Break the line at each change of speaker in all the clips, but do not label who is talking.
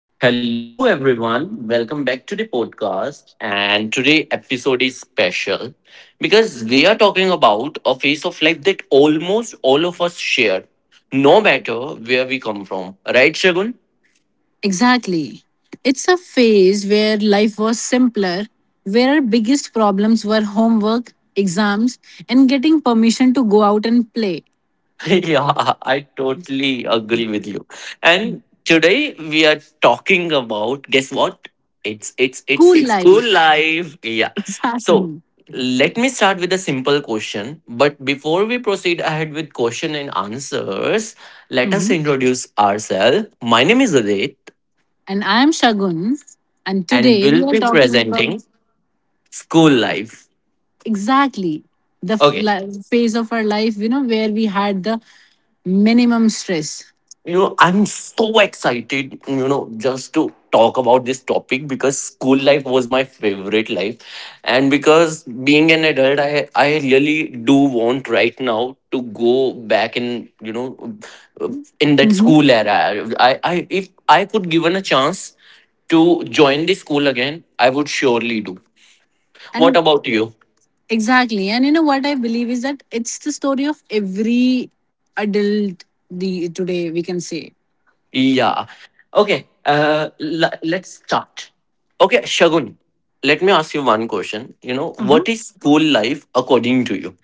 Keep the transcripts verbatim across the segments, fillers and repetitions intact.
Hello everyone, welcome back to the podcast. And today episode is special because we are talking about a phase of life that almost all of us share, no matter where we come from. Right, Shagun?
Exactly. It's a phase where life was simpler, where our biggest problems were homework, exams, and getting permission to go out and play.
Yeah, I totally agree with you. And today we are talking about guess what? It's it's it's
Cool
school
life.
life. Yeah. So
Exactly.
let me start with a simple question. But before we proceed ahead with question and answers, let us
hmm
introduce ourselves. My name is Adit
And I'm Shagun. And
and
today we
we'll
are
be
talking about
presenting school life.
exactly the f-
Okay.
li- phase of our life, you know, where we had the minimum stress.
you know I'm so excited, you know just to talk about this topic because school life was my favorite life, and because being an adult, i i really do want right now to go back in, you know in that
hmm
school era. I i if I could given a chance to join the school again, I would surely do. What
And
about you?
Exactly. And you know what I believe is that it's the story of every adult the today we can say.
Yeah. Okay. Uh, l- let's start. Okay, Shagun, let me ask you one question. You know,
Mhm.
what is school life according to you?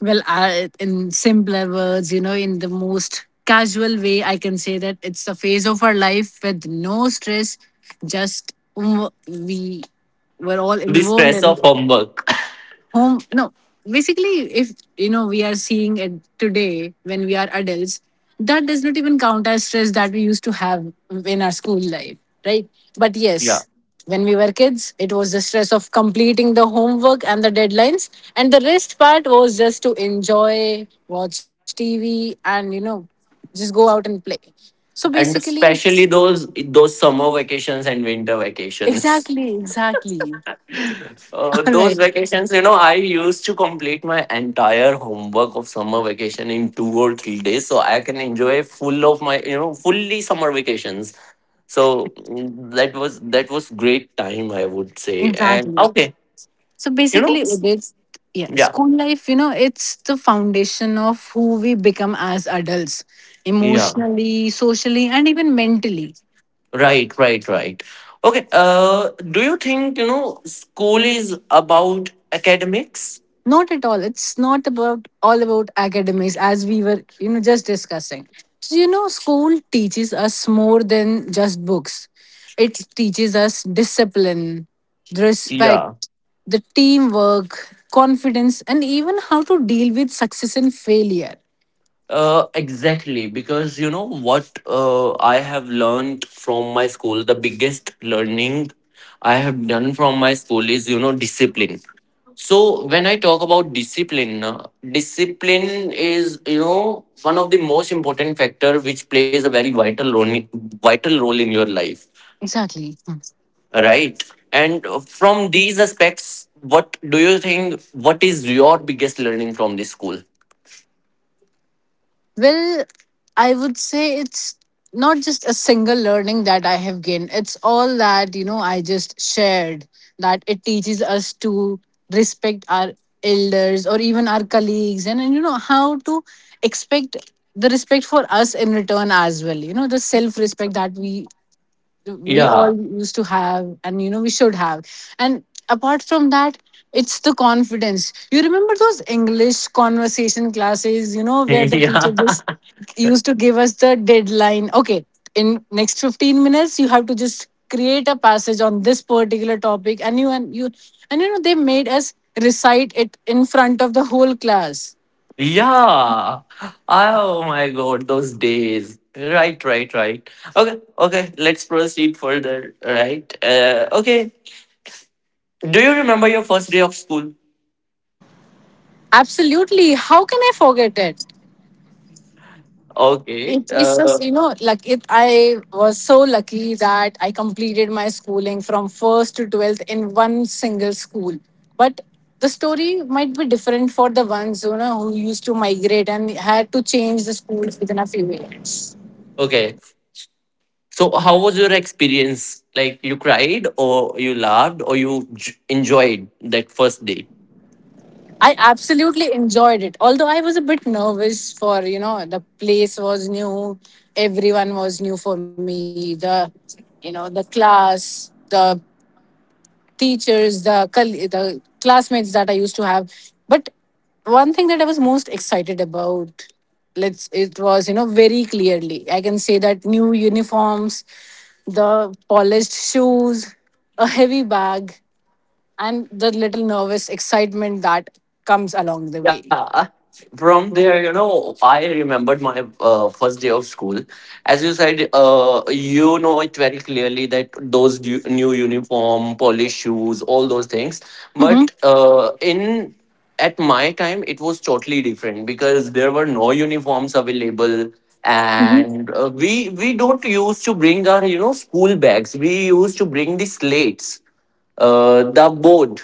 Well, I, in simpler words, you know, in the most casual way, I can say that it's a phase of our life with no stress. Just mm, we were all
The
involved
stress
in.
of homework.
Home, no, basically, if you know, we are seeing it today when we are adults, that does not even count as stress that we used to have in our school life, right? But
Yeah.
yes, when we were kids, it was the stress of completing the homework and the deadlines, and the rest part was just to enjoy, watch TV, and, you know just go out and play. So
And
basically,
especially those those summer vacations and winter vacations.
exactly, exactly.
Uh,
all
those
right,
vacations, you know, I used to complete my entire homework of summer vacation in two or three days, so I can enjoy full of my, you know, fully summer vacations. So mm, that was that was great time, I would say. And
exactly.
okay,
So
you know,
basically, it is, yeah,
yeah,
school life, you know, it's the foundation of who we become as adults,
yeah,
emotionally, socially, and even mentally.
right, right, right. Okay, uh, do you think, you know, school is about academics?
Not at all. It's not about all about academics, as we were, you know, just discussing. So, you know, school teaches us more than just books. It teaches us discipline, respect,
Yeah.
the teamwork, confidence, and even how to deal with success and failure.
Uh, exactly, because you know what, uh, I have learned from my school, the biggest learning I have done from my school is, you know, discipline. So when I talk about discipline, uh, discipline is, you know, one of the most important factor which plays a very vital role, in- vital role in your life,
Exactly. Hmm.
right? And uh, from these aspects, what do you think? What is your biggest learning from this school?
Well, I would say it's not just a single learning that I have gained. It's all that, you know, I just shared, that it teaches us to respect our elders or even our colleagues, and, and you know, how to expect the respect for us in return as well. You know, the self respect that we we all
Yeah,
used to have, and you know we should have. And apart from that, it's the confidence. You remember those English conversation classes, you know where the teacher
yeah.
just used to give us the deadline, okay, in next fifteen minutes you have to just create a passage on this particular topic, and you and you and you know, they made us recite it in front of the whole class.
Yeah. Oh my god, those days. Right, right, right. Okay, okay, let's proceed further. Right. Uh, okay. Do you remember your first day of school?
Absolutely, how can I forget it?
Okay.
It, it's
Uh,
just you know like it, I was so lucky that I completed my schooling from first to twelfth in one single school, but the story might be different for the ones, you know, who used to migrate and had to change the schools within a few years.
okay. So, how was your experience? Like, you cried, or you laughed, or you j- enjoyed that first day?
I absolutely enjoyed it, although I was a bit nervous, for you know, the place was new, everyone was new for me, the, you know, the class, the teachers, the col- the classmates that I used to have. But one thing that I was most excited about, let's, it was, you know, very clearly I can say that, new uniforms, the polished shoes, a heavy bag, and the little nervous excitement that comes along the way.
Yeah, from there, you know, I remembered my uh, first day of school. As you said, uh, you know it very clearly, that those du- new uniform, polished shoes, all those things.
Mm-hmm.
But uh, in at my time, it was totally different because there were no uniforms available, and uh, we we don't used to bring our, you know, school bags. We used to bring the slates, uh, the board,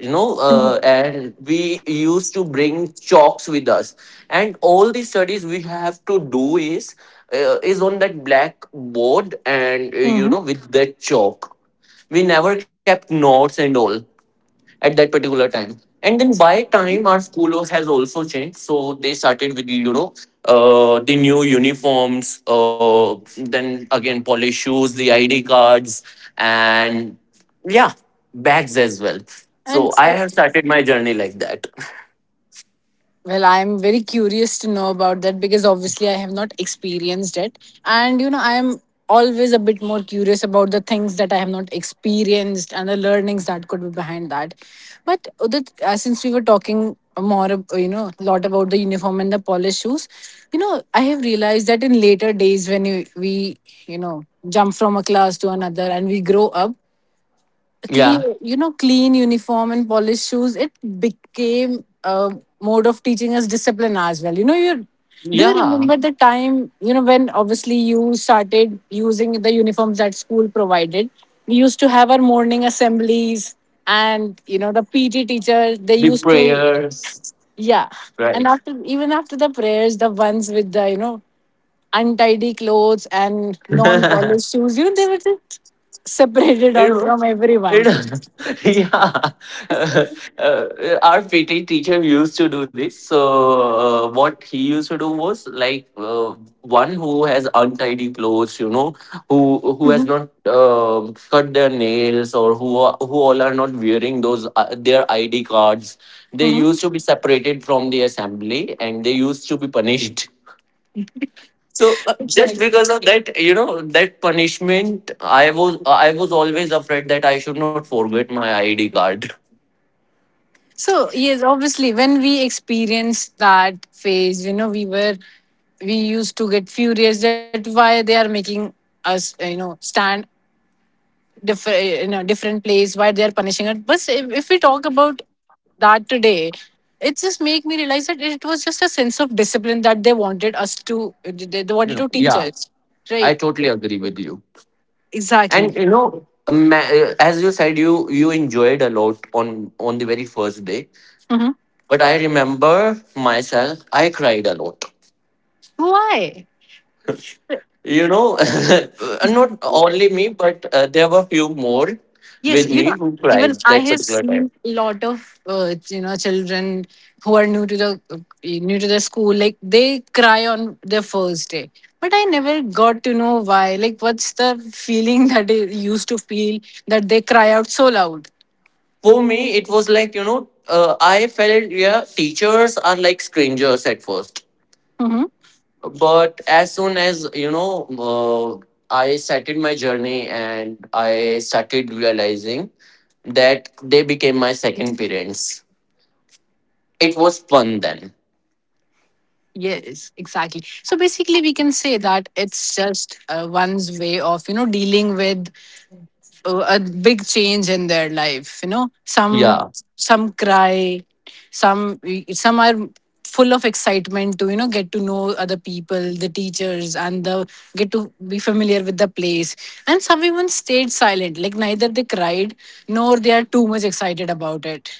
you know,
Mm-hmm.
uh, and we used to bring chalks with us, and all the studies we have to do is, uh, is on that black board, and uh, you
Mm-hmm.
know, with that chalk, we never kept notes and all at that particular time. And then by time, our school has also changed. So they started with, you know, uh, the new uniforms, uh, then again, polish shoes, the I D cards, and yeah, bags as well.
And
So I
eh,
have started my journey like that.
Well, I'm very curious to know about that, because obviously I have not experienced it. And, you know, I am always a bit more curious about the things that I have not experienced and the learnings that could be behind that. But, Udit, uh, since we were talking more, ab- you know, a lot about the uniform and the polished shoes, you know, I have realized that in later days when you, we, you know, jump from a class to another and we grow up,
Yeah.
clean, you know, clean uniform and polished shoes, it became a mode of teaching us discipline as well. You know, you, do you
Yeah.
remember the time, you know, when obviously you started using the uniforms that school provided, we used to have our morning assemblies, and you know, the P T teacher, they
The
used to,
prayers.
yeah, and
Right.
after, even after the prayers, the ones with the, you know, untidy clothes and non polished shoes, you know, they were just separated
It
out from
was,
everyone.
it, yeah. Uh, uh, our P T teacher used to do this. So, uh, what he used to do was like, uh, one who has untidy clothes, you know, who who has not um cut their nails, or who are, who all are not wearing those, uh, their I D cards. They
Uh-huh.
used to be separated from the assembly and they used to be punished. So uh, just
Exactly.
because of that, you know, that punishment, I was I was always afraid that I should not forget my I D card.
So yes, obviously, when we experienced that phase, you know, we were, we used to get furious that why they are making us, uh, you know, stand diff- in a different place, why they are punishing us. But if, if we talk about that today, it just make me realize that it was just a sense of discipline that they wanted us to, they, they wanted
You
to
know,
teach
yeah,
us, right?
I totally agree with you.
Exactly.
And you know, a uh, as you said, you you enjoyed a lot on on the very first day.
Mm-hmm.
But I remember myself, I cried a lot.
Why?
You know, not only me, but uh, there were few more
Yes,
with
you
me
know,
who
even
cried
I
that
have
particular time.
seen a lot of uh, you know, children who are new to the uh, new to the school. Like, they cry on their first day, but I never got to know why. Like, what's the feeling that they used to feel that they cry out so loud?
For me it was like, you know, uh, I felt, yeah, teachers are like strangers at first,
Hmm.
but as soon as, you know, uh, I started my journey and I started realizing that they became my second parents. It was fun then.
Yes, exactly. So basically, we can say that it's just uh, one's way of, you know, dealing with uh, a big change in their life. You know, some
Yeah.
some cry, some some are full of excitement to, you know, get to know other people, the teachers, and the, get to be familiar with the place, and some even stayed silent, like neither they cried nor they are too much excited about it.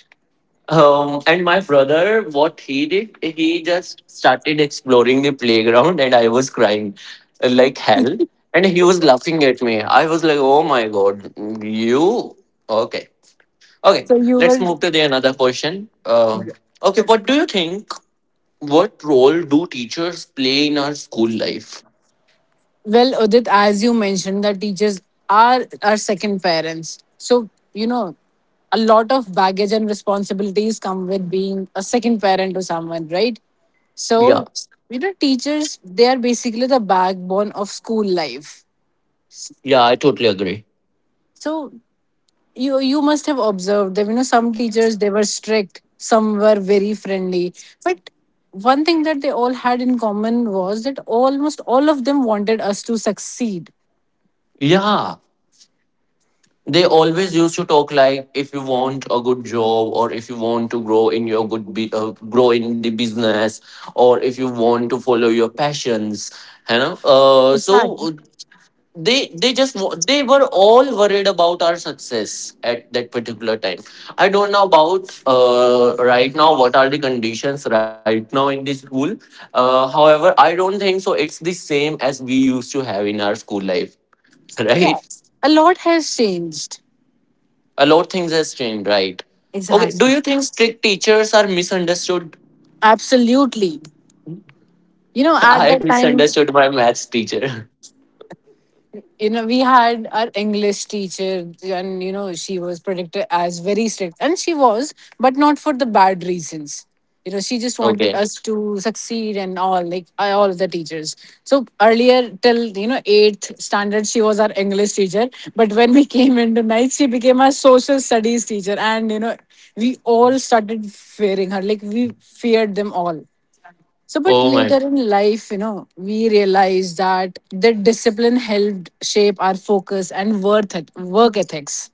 Um, and my brother, what he did, he just started exploring the playground, and I was crying, uh, like hell. And he was laughing at me. I was like, oh my god, you? Okay. Okay,
So you
let's
will.
move to the another question. Um, okay, what do you think? What role do teachers play in our school life?
Well, Udit, as you mentioned, that teachers are our second parents. So, you know, a lot of baggage and responsibilities come with being a second parent to someone, right?
Yeah.
So, you know, teachers, they are basically the backbone of school life.
Yeah, I totally agree.
So, you you must have observed that, you know, some teachers, they were strict, some were very friendly. But one thing that they all had in common was that almost all of them wanted us to succeed.
Yeah. They always used to talk like, if you want a good job, or if you want to grow in your good be- uh, grow in the business, or if you want to follow your passions, you know, uh, so uh,
Exactly.
they they just wa- they were all worried about our success at that particular time. I don't know about, uh, right now, what are the conditions right now in the school. Uh, however, I don't think so it's the same as we used to have in our school life. Right,
Yeah, a lot has changed.
a lot things has changed, right? Okay, do
Exactly.
you think strict teachers are misunderstood?
Absolutely. You know, at
I
that time,
misunderstood my maths teacher.
you know, we had our English teacher, and you know, she was predicted as very strict, and she was, but not for the bad reasons. You know, she just wanted
Okay.
us to succeed and all, like I- all the teachers. So earlier, till you know, eighth standard, she was our English teacher, but when we came into ninth, she became our social studies teacher, and you know, we all started fearing her like we feared them all. So, but
Oh my.
later in life, you know, we realized that the discipline helped shape our focus and worth et- work ethics.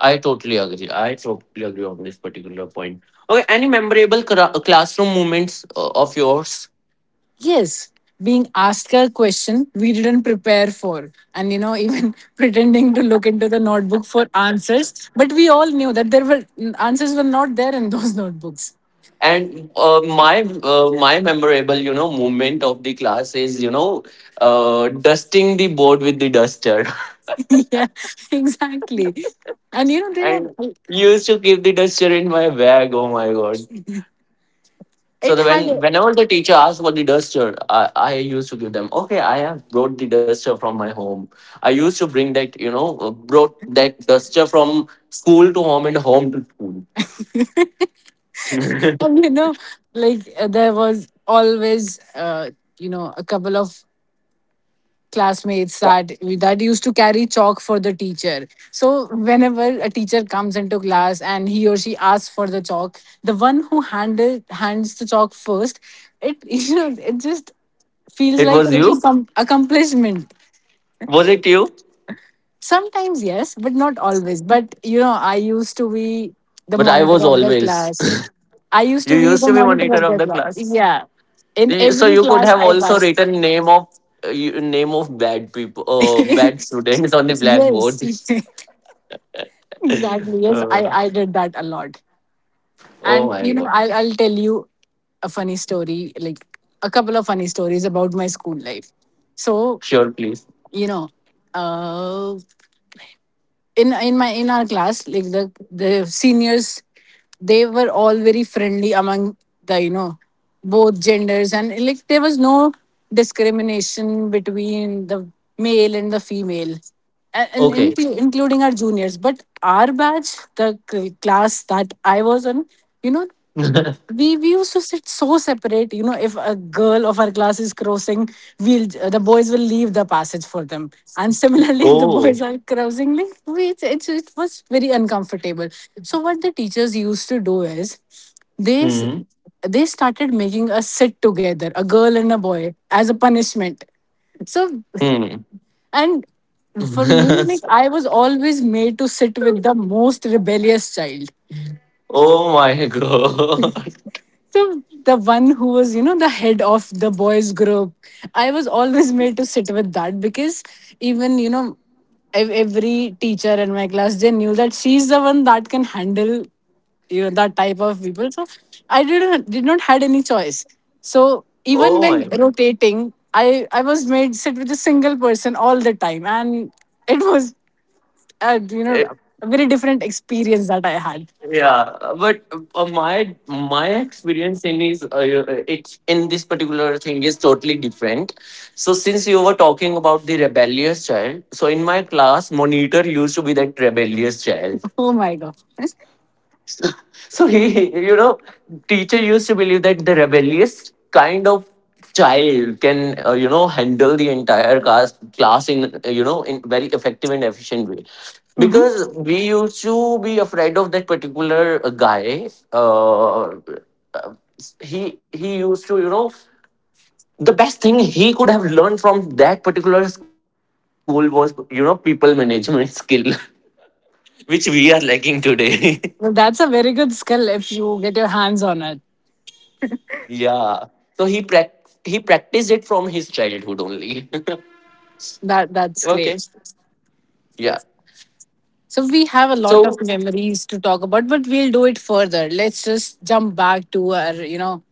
I totally agree. I totally agree on this particular point. Okay, any memorable cra- classroom moments uh, of yours?
Yes, being asked a question we didn't prepare for, and you know, even pretending to look into the notebook for answers, but we all knew that there were, answers were not there in those notebooks.
And uh, my uh, my memorable, you know, moment of the class is, you know, uh, dusting the board with the duster.
yeah, exactly. And you know, there
And
are,
used to keep the duster in my bag. Oh my god. So
it
the,
had
when
a-
whenever the teacher asks what the duster, I, I used to give them, okay, I have brought the duster from my home. I used to bring that, you know, uh, brought that duster from school to home and home to school.
and you know, like uh, there was always uh, you know, a couple of classmates that that used to carry chalk for the teacher, so whenever a teacher comes into class and he or she asks for the chalk, the one who handle hands the chalk first, it, you know, it just feels
It
like a
was
little
you?
some accomplishment.
Was it you?
Sometimes yes, but not always, but you know, I used to be the
But I
monitor
was
of the
always.
class. I used
You
to be
used
the
to be
monitor
monitor
of
of
the
the
class,
class.
yeah, in
Y- So
every
you could
class
have
I
also
passed.
written name of, uh, you- name of bad people, uh, bad students on the
yes.
blackboard.
Exactly. Yes, I
Uh,
I did that a lot.
oh
And
my
you know,
god!
I I'll tell you a funny story, like a couple of funny stories about my school life. So
Sure, please.
you know, uh, in in my in our class, like, the the seniors, they were all very friendly among the, you know, both genders, and like, there was no discrimination between the male and the female, and, and
Okay.
inclu- including our juniors, but our batch, the cl- class that I was on, you know, we we used to sit so separate. You know, if a girl of our class is crossing, we'll, the boys will leave the passage for them, and similarly, if the
oh.
boys are crossing, like we, it's, it's, it was very uncomfortable. So what the teachers used to do is, they s-
Mm.
they started making us sit together, a girl and a boy, as a punishment. So,
Mm.
and for me, like, I was always made to sit with the most rebellious child.
oh my god.
So the one who was, you know, the head of the boys group, I was always made to sit with that, because even, you know, ev- every teacher in my class, they knew that she's the one that can handle, you know, that type of people. So I didn't did not had any choice. So even
Oh my
when
god.
rotating, I I was made sit with a single person all the time, and it was, uh, you know,
Eh,
a very different experience that I had.
yeah, but uh, my my experience in is, uh, it's in this particular thing is totally different. So since you were talking about the rebellious child, so in my class, monitor used to be that rebellious child.
Oh my god.
So he, you know, teacher used to believe that the rebellious kind of child can, uh, you know, handle the entire class class in, uh, you know, in very effective and efficient way. Because we used to be afraid of that particular uh, guy. Uh, uh, he he used to, you know, the best thing he could have learned from that particular school was, you know, people management skill, which we are lacking today.
Well, that's a very good skill if you get your hands on it.
Yeah. So he prac- he practiced it from his childhood only.
That that's
Okay.
great.
Yeah.
So we have a lot
So
of memories to talk about, but we'll do it further. Let's just jump back to our, you know,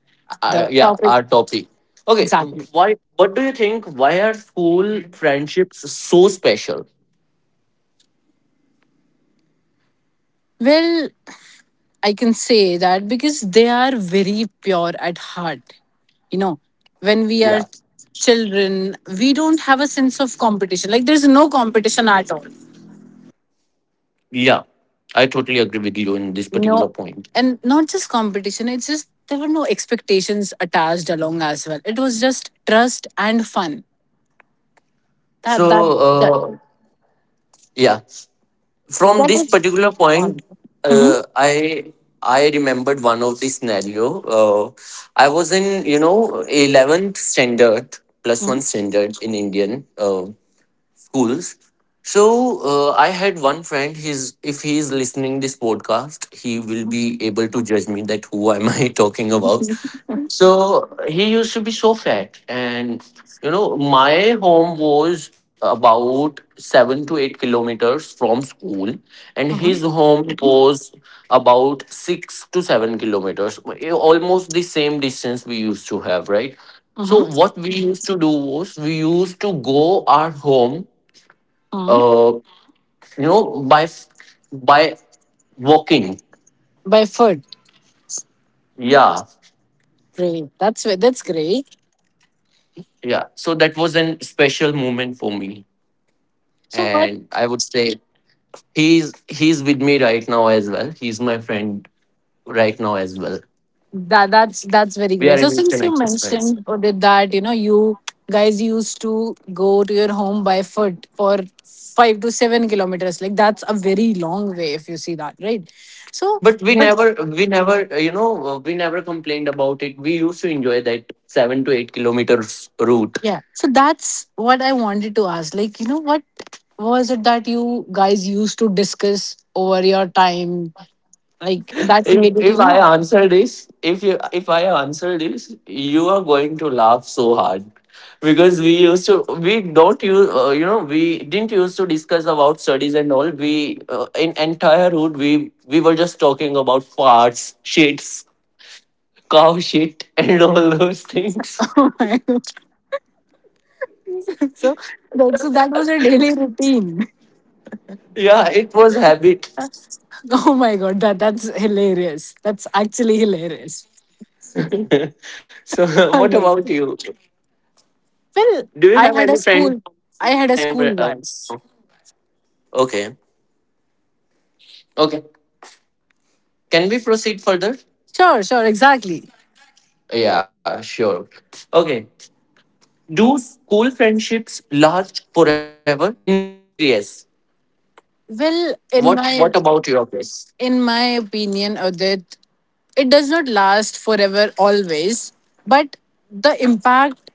uh,
the
yeah,
topic
our topic. Okay. Mm,
exactly.
why? What do you think? Why are school friendships so special?
Well, I can say that because they are very pure at heart. You know, when we are
Yeah.
children, we don't have a sense of competition. Like there's no competition at all.
Yeah. I totally agree with you in this particular
No,
point.
and not just competition, it's just there were no expectations attached along as well. It was just trust and fun.
So
That that that
uh, yeah. From
that
this
was
particular point,
all. Mm-hmm.
uh, i i remembered one of the scenario. uh, I was in, you know, eleventh standard, plus
Mm-hmm.
one standard in indian uh, schools. So uh, I had one friend. His, if he is listening this podcast, he will be able to judge me that who am I talking about. So he used to be so fat, and you know, my home was about seven to eight kilometers from school, and
Mm-hmm.
his home was about six to seven kilometers, almost the same distance we used to have, right? So
Mm-hmm.
what we used to do was, we used to go our home,
mm-hmm.
uh, you know, by f- by walking.
By foot.
Yeah,
Great. That's that's great.
yeah. So that was an special moment for me.
So
And
what
I would say he's he's with me right now as well. He's my friend right now as well.
That that's that's very
We are
great.
in
So since
instant
you
exercise,
mentioned or did that, you know, you guys used to go to your home by foot for five to seven kilometers. Like that's a very long way if you see that, right? So
but we
but
never we never, uh, you know uh, we never complained about it. We used to enjoy that seven to eight kilometers route.
yeah. So that's what I wanted to ask. Like, you know, what was it that you guys used to discuss over your time? Like that's
If
made it,
if
you
I
know.
answer this, if you, if I answer this, you are going to laugh so hard, because we used to we don't use uh, you know, we didn't used to discuss about studies and all. We, uh, in entire route, we we were just talking about farts, shits, cow shit, and all those things.
so that so that was a daily routine.
Yeah, it was habit.
Oh my god, that that's hilarious. That's actually hilarious.
So, what
Alright.
about you?
Well,
Do you
I
have
had a
any friend?
school. I
From
had a
time?
school
Uh,
once.
okay, okay. Can we proceed further?
Sure, sure, exactly.
Yeah, sure. Okay. Do school friendships last forever? In my case, yes.
Well, in
What
my
What about your case?
in my opinion, Udit, it does not last forever always, but the impact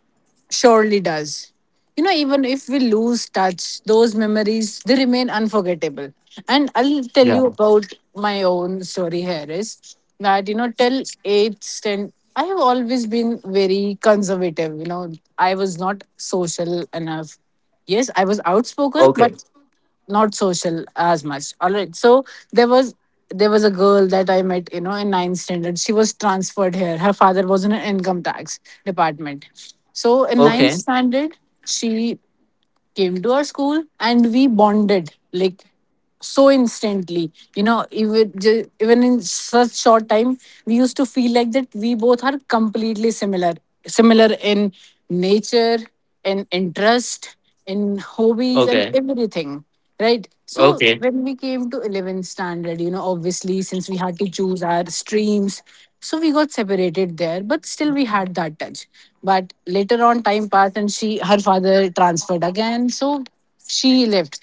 surely does. You know, even if we lose touch, those memories they remain unforgettable. And I'll tell
Yeah.
you about my own story here is that, you know, till eighth ten, I have always been very conservative. You know, I was not social enough. Yes, I was outspoken, but
Okay.
not social as much. All right so there was there was a girl that I met, you know, in ninth standard. She was transferred here, her father was in an income tax department. So in ninth
Okay.
standard she came to our school and we bonded like so instantly, you know. Even ju- even in such short time, we used to feel like that we both are completely similar, similar in nature, in interest, in hobbies, and
Okay.
everything. Right. So
Okay.
when we came to eleventh standard, you know, obviously since we had to choose our streams, so we got separated there, but still we had that touch. But later on, time passed and she, her father transferred again, so she left.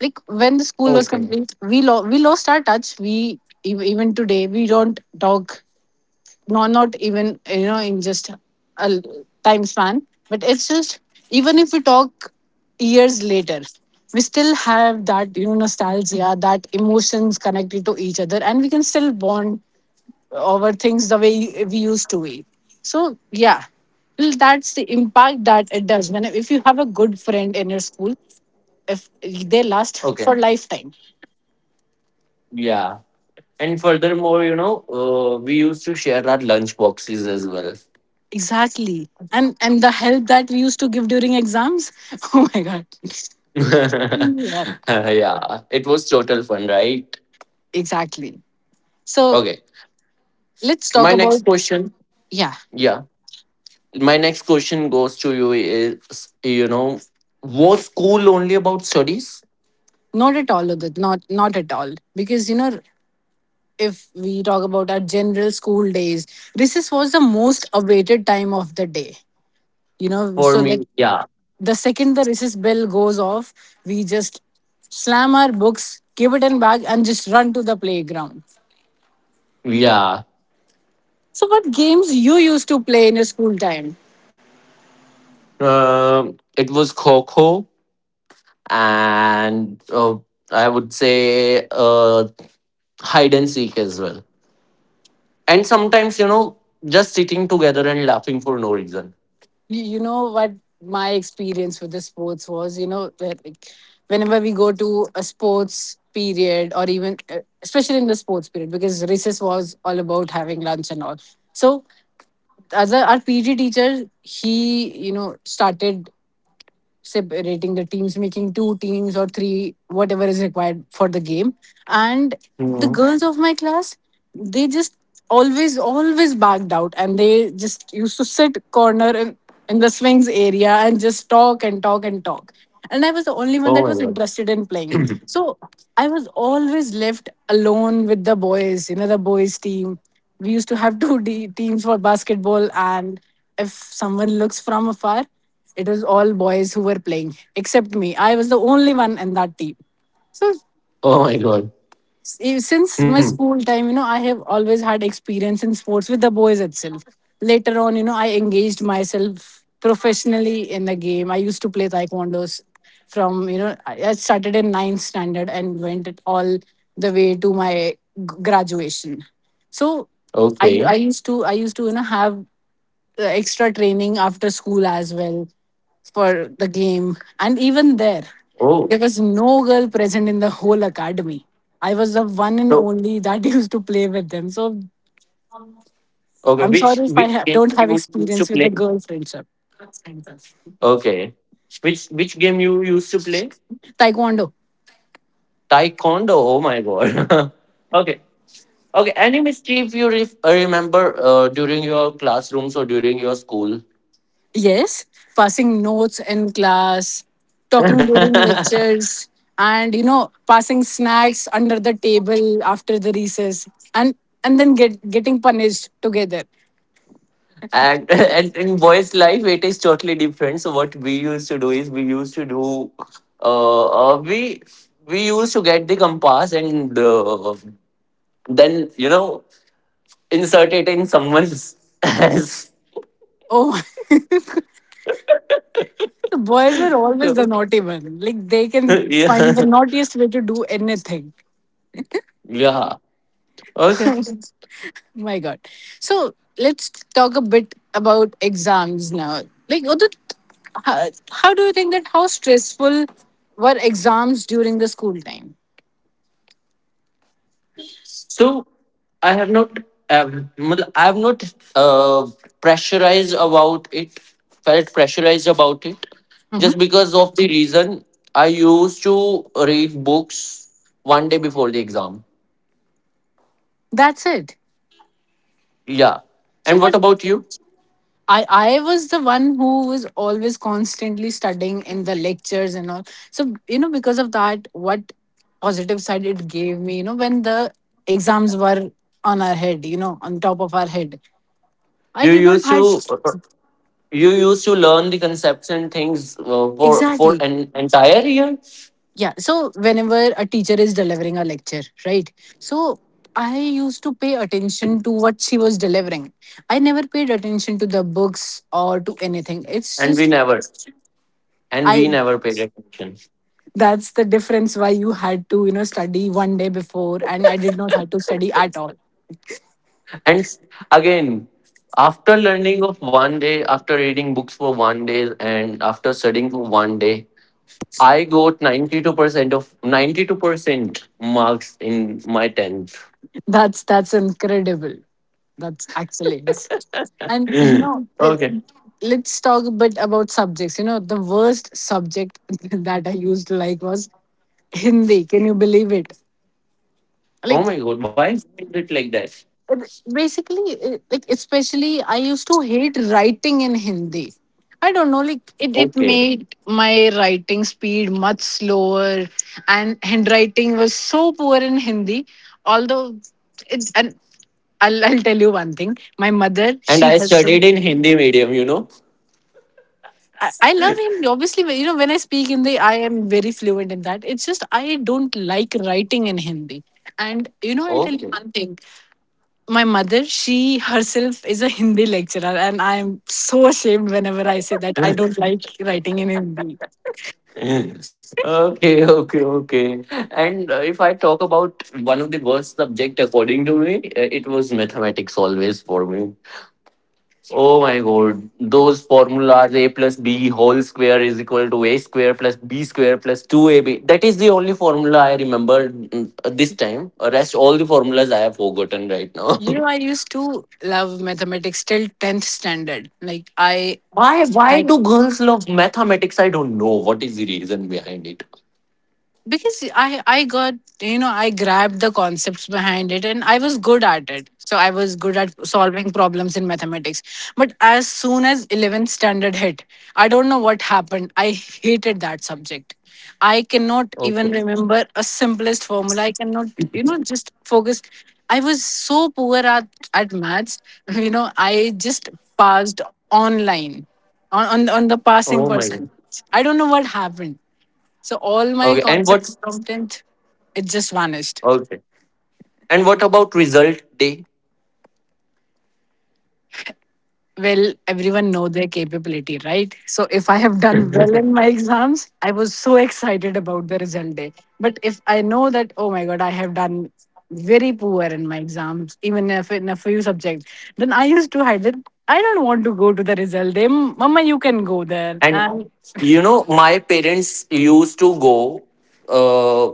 Like when the school was
Okay.
complete, we lo- we lost our touch. We ev- even today we don't talk, no, not even, you know, in just a l- time span, but it's just even if we talk years later, we still have that, you know, nostalgia, that emotions connected to each other, and we can still bond over things the way we used to be. So yeah, well, that's the impact that it does. When if you have a good friend in your school, if they last
Okay.
for lifetime,
Yeah. And furthermore, you know, uh, we used to share our lunch boxes as well.
exactly. And and the help that we used to give during exams, oh my god.
yeah. It was total fun, right?
Exactly. So
Okay.
let's talk
My
about
next question.
yeah,
Yeah. My next question goes to you is, you know was school only about studies?
not at all, Udit, not not at all. Because you know, if we talk about our general school days, recess was the most awaited time of the day. You know,
For
so
me,
that
yeah.
the second the recess bell goes off, we just slam our books, give it in bag, and just run to the playground.
Yeah.
So, what games you used to play in your school time?
Um, it was coco, and uh, I would say uh, hide and seek as well, and sometimes, you know just sitting together and laughing for no reason.
you, you know what my experience with the sports was, you know, that like whenever we go to a sports period or even uh, especially in the sports period, because recess was all about having lunch and all. So as a, our PG teacher, he, you know, started separating the teams, making two teams or three, whatever is required for the game. And the
Hmm.
girls of my class, they just always, always backed out and they just used to sit corner in, in the swings area and just talk and talk and talk. And I was the only one
Oh
that
my
was
god.
interested in playing. So I was always left alone with the boys, you know, the boys' team. We used to have two D teams for basketball, and if someone looks from afar, it was all boys who were playing, except me. I was the only one in that team. So
Oh my god.
s- eh, since
Hmm.
my school time, you know, I have always had experience in sports with the boys itself. Later on, you know, I engaged myself professionally in the game. I used to play taekwondos from, you know, I I started in ninth standard and went it all the way to my g- graduation. So, I, I
Okay.
used to I used to you know have uh, extra training after school as well for the game. And even there,
Oh.
there was no girl present in the whole academy. I was the one and
So,
only that used to play with them. So
okay,
I'm
which
sorry if I
which
ha-
game
don't have
you used to
experience with
play?
the girl friendship.
Okay. Which which game you used to play?
Taekwondo,
Taekwondo. Oh my god. okay. Okay. Any mischief you re- remember uh, during your classrooms or during your school?
yes, passing notes in class,
and
talking during lectures, and you know, passing snacks under the table after the recess, and and then get getting punished together.
and in boys' life, it is totally different. So what we used to do is, we used to do, uh, uh we we used to get the compass, and uh, then, you know insert it in someone's ass.
Oh The boys were always the naughty one. Like they can find the
yeah.
naughtiest way to do anything.
Yeah. Okay.
My God. So let's talk a bit about exams now. Like, Udit, how, how do you think that how stressful were exams during the school time?
So I have not, um, मतलब I have not, uh, pressurized about it, felt pressurized about it,
Hmm.
just because of the reason I used to read books one day before the exam.
That's it.
Yeah.
So
And what
what?
about you?
I I was the one who was always constantly studying in the lectures and all. So you know, because of that, what positive side it gave me, you know, when the exams were on our head, you know, on top of our head, I
You
did not
used
had
to, you used to learn the concepts and things, uh, for for
exactly.
an entire year,
Yeah. So whenever a teacher is delivering a lecture, right? So I used to pay attention to what she was delivering. I never paid attention to the books or to anything. It's
and we
just
never, and
I
we never paid attention.
that's the difference why you had to, you know, study one day before, and I did not have to study at all.
And s- again, after learning of one day, after reading books for one day, and after studying for one day, I got ninety-two percent of ninety-two percent marks in my tenth.
That's that's incredible, that's excellence. And you know, l-
Okay.
let's talk a bit about subjects. You know, the worst subject that I used to like was Hindi, can you believe it?
Oh
Like
my god, why is it like that?
r- basically, uh, like especially I used to hate writing in Hindi. I don't know, like it, it
Okay.
made my writing speed much slower, and handwriting was so poor in Hindi. Although it's, and I'll, I'll tell you one thing, my mother
And
she
I
herself,
studied in Hindi medium, you know?
I, I love Hindi, obviously. You know, when I speak Hindi I am very fluent in that, it's just I don't like writing in Hindi. And you know, I'll tell you
Okay.
one thing, my mother, she herself is a Hindi lecturer, and I'm so ashamed whenever I say that I don't like writing in Hindi.
okay, okay, okay. And uh, if I talk about one of the worst subject according to me, uh, it was mathematics always for me. Oh my god, those formulas, a plus b whole square is equal to a square plus b square plus two a b. That is the only formula I remember mm, uh, this time. Rest all the formulas I have forgotten right now.
You know, I used to love mathematics till tenth standard. Like, I.
why why
I.
do girls love mathematics? I don't know. What is the reason behind it?
Because i i got, you know, I grabbed the concepts behind it and I was good at it, so I was good at solving problems in mathematics. But as soon as eleventh standard hit, I don't know what happened, I hated that subject. I cannot even
Okay.
remember a simplest formula, I cannot, you know, just focus. I was so poor at at maths. You know, I just passed online on on, on the
Oh
passing
my god.
percentage, I don't know what happened. So all my
Okay, and what
concepts from tenth, it just vanished.
okay. And what about result day?
Well, everyone know their capability, right? So if I have done well in my exams, I was so excited about the result day. But if I know that, oh my God, I have done very poor in my exams, even if in a few subjects, then I used to hide it. I don't want to go to the result day. Mama, you can go there.
And
And
you know, my parents used to go. Uh,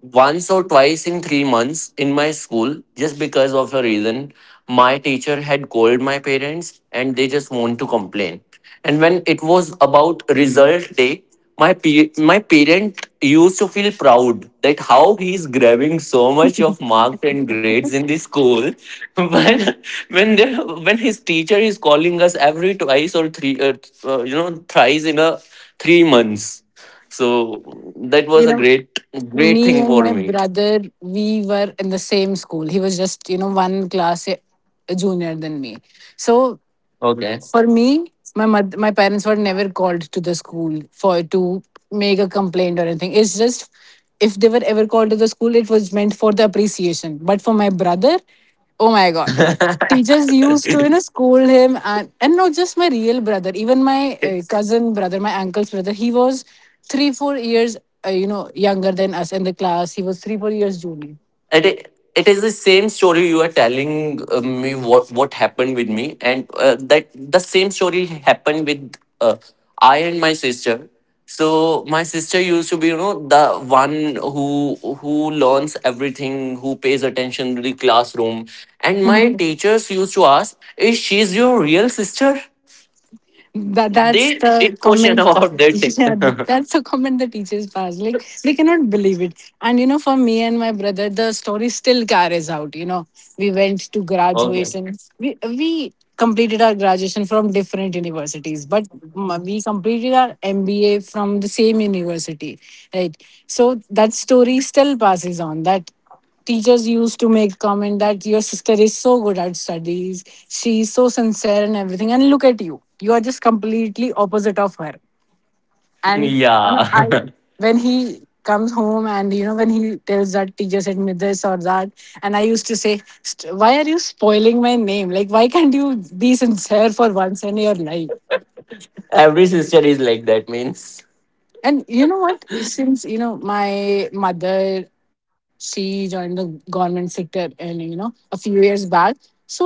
Once or twice in three months in my school, just because of a reason. My teacher had called my parents and they just want to complain. And when it was about result day, my pe- my parent used to feel proud that how he is grabbing so much of marks and grades in the school, when when they, when his teacher is calling us every twice or three uh, uh, you know thrice in a three months. So that was
you
a
know,
great, great
me
thing
and
for
my
me.
brother, we were in the same school. He was just, you know, one class a- junior than me. So
Okay.
for me, my mother, my parents were never called to the school for to make a complaint or anything. It's just if they were ever called to the school, it was meant for the appreciation. But for my brother, oh my god, teachers used to, you know,
it,
scold him. And and not just my real brother, even my uh, cousin brother, my uncle's brother. He was three four years uh, you know younger than us in the class. He was three four years junior.
it is the same story you are telling uh, me, what, what happened with me, and uh, that the same story happened with uh, I and my sister. So my sister used to be, you know, the one who who learns everything, who pays attention to the classroom, and my
Mm-hmm.
teachers used to ask, "Is she's your real sister?"
that that's
They
the
did question
comment.
about that thing.
Yeah, th- that's the comment the teachers pass. Like, they cannot believe it. And you know, for me and my brother, the story still carries out you know We went to
okay.
graduation. We we completed our graduation from different universities, but m- we completed our MBA from the same university. Right, so that story still passes on. That teachers used to make comment that your sister is so good at studies, she is so sincere and everything, and look at you, you are just completely opposite of her. And you know, I
Yeah.
when he comes home, and you know when he tells that teacher said me this or that, and I used to say, "St- why are you spoiling my name? Like, why can't you be sincere for once in your life?"
Every sister is like that, means.
And you know what? Since you know, my mother, she joined the government sector, and you know, a few years back, so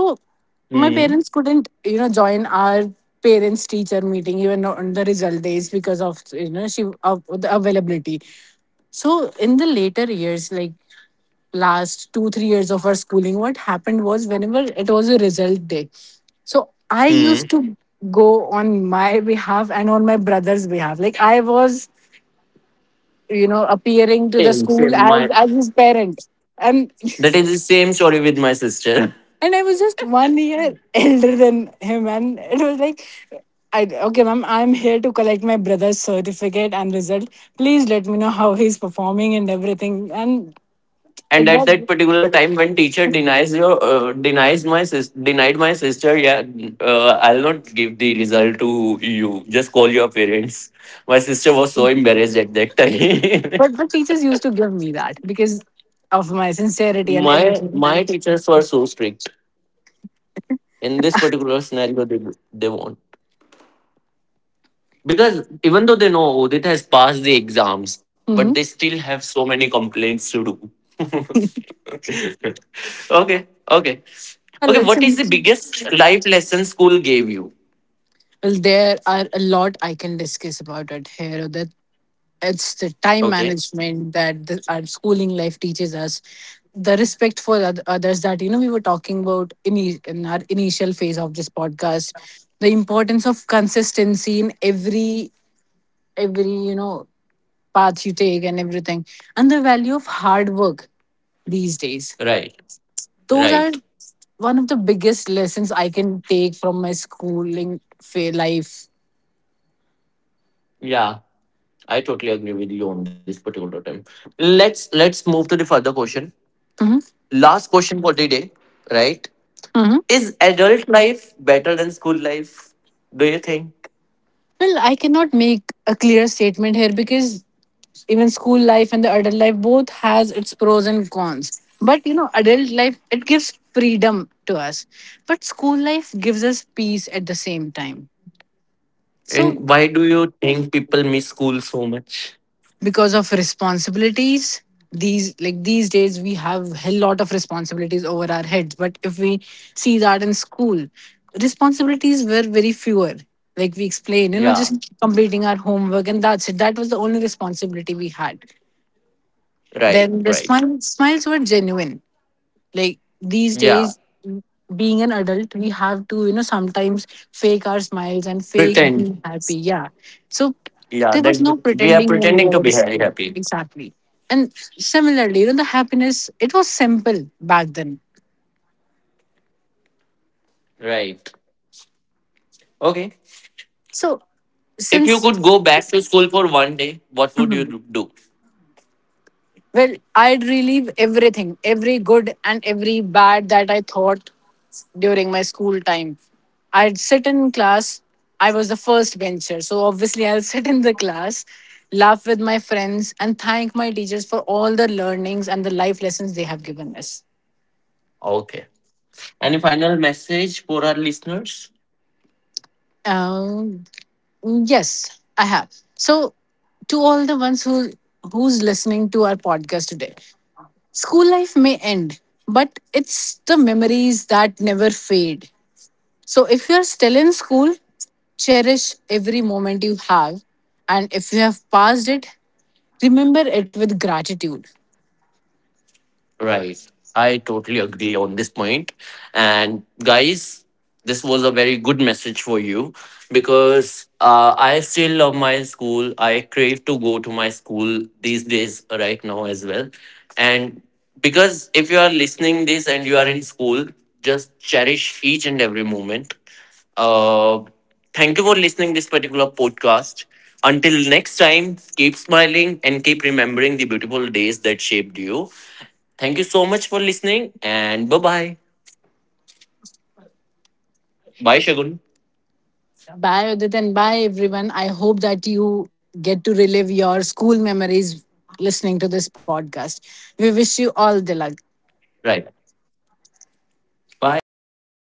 my parents
Hmm.
couldn't, you know, join our parents teacher meeting even on the result days because of, you know, she of the availability. So in the later years, like last two three years of our schooling, what happened was whenever it was a result day, so I used
Hmm.
to go on my behalf and on my brother's behalf. Like, I was, you know, appearing to the
Same,
school
same.
as
My
as his parent. And
That is the same story with my sister.
and I was just one year elder than him, and it was like, "I, okay ma'am, I'm here to collect my brother's certificate and result. Please let me know how he's performing and everything." And
And at that
that.
particular time, when teacher denies your uh, denies my sis denied my sister, yeah, uh, I'll not give the result to you. Just call your parents. My sister was so embarrassed at that time.
But the teachers used to give me that because of my sincerity and
my
everything.
my
And
teachers were so strict in this particular scenario. They, they won't, because even though they know Udit has passed the exams, but they
mm-hmm.
still have so many complaints to do. okay. Okay. Okay.
Well,
What
it's,
is
well,
the biggest life lesson school gave you?
there are a lot I can discuss about it here. That. It's the time
Okay.
management that the, our schooling life teaches us. The respect for oth- others that, you know, we were talking about in, e- in our initial phase of this podcast. The importance of consistency in every every you know path you take and everything. And the value of hard work these days.
Right,
Those are
right.
one of the biggest lessons I can take from my schooling fa- life.
Yeah, I totally agree with you on this particular time. Let's let's move to the further question. Last question for the day, right?
Mhm.
Is adult life better than school life, do you think?
Well, I cannot make a clear statement here, because even school life and the adult life both has its pros and cons. But you know, adult life, it gives freedom to us, but school life gives us peace at the same time. So
And why do you think people miss school so much?
because of responsibilities. These, like, these days we have a lot of responsibilities over our heads, but if we see that in school, responsibilities were very fewer. Like we explained, you know,
Yeah,
just completing our homework and that's it. That was the only responsibility we had.
right,
Then the
right.
smiles smiles were genuine. Like, these
Yeah,
days, being an adult, we have to, you know, sometimes fake our smiles and fake
pretend.
being happy. Yeah. So
Yeah,
there was
that
no
we are
pretending when we
pretending
were
to
in
be very
school.
happy.
Exactly. And similarly, you know, the happiness, it was simple back then.
Right. Okay.
So
If you
since.
could go back to school for one day, what would you do?
Well, I'd relive everything, every good and every bad that I thought during my school time. I'd sit in class. I was the first bencher, so obviously I'll sit in the class, laugh with my friends, and thank my teachers for all the learnings and the life lessons they have given us.
Okay. Any final message for our listeners?
Um, yes, I have. So, to all the ones who who's listening to our podcast today, school life may end, but it's the memories that never fade. So if you're still in school, cherish every moment you have. And if you have passed it, remember it with gratitude.
Right. I totally agree on this point. And guys, this was a very good message for you, because uh, I still love my school. I crave to go to my school these days right now as well. And because if you are listening this and you are in school, just cherish each and every moment. Uh, Thank you for listening this particular podcast. Until next time, keep smiling and keep remembering the beautiful days that shaped you. Thank you so much for listening, and bye bye. Bye, Shagun.
Bye, Udit, and bye, everyone. I hope that you get to relive your school memories listening to this podcast. We wish you all the luck.
Right. Bye.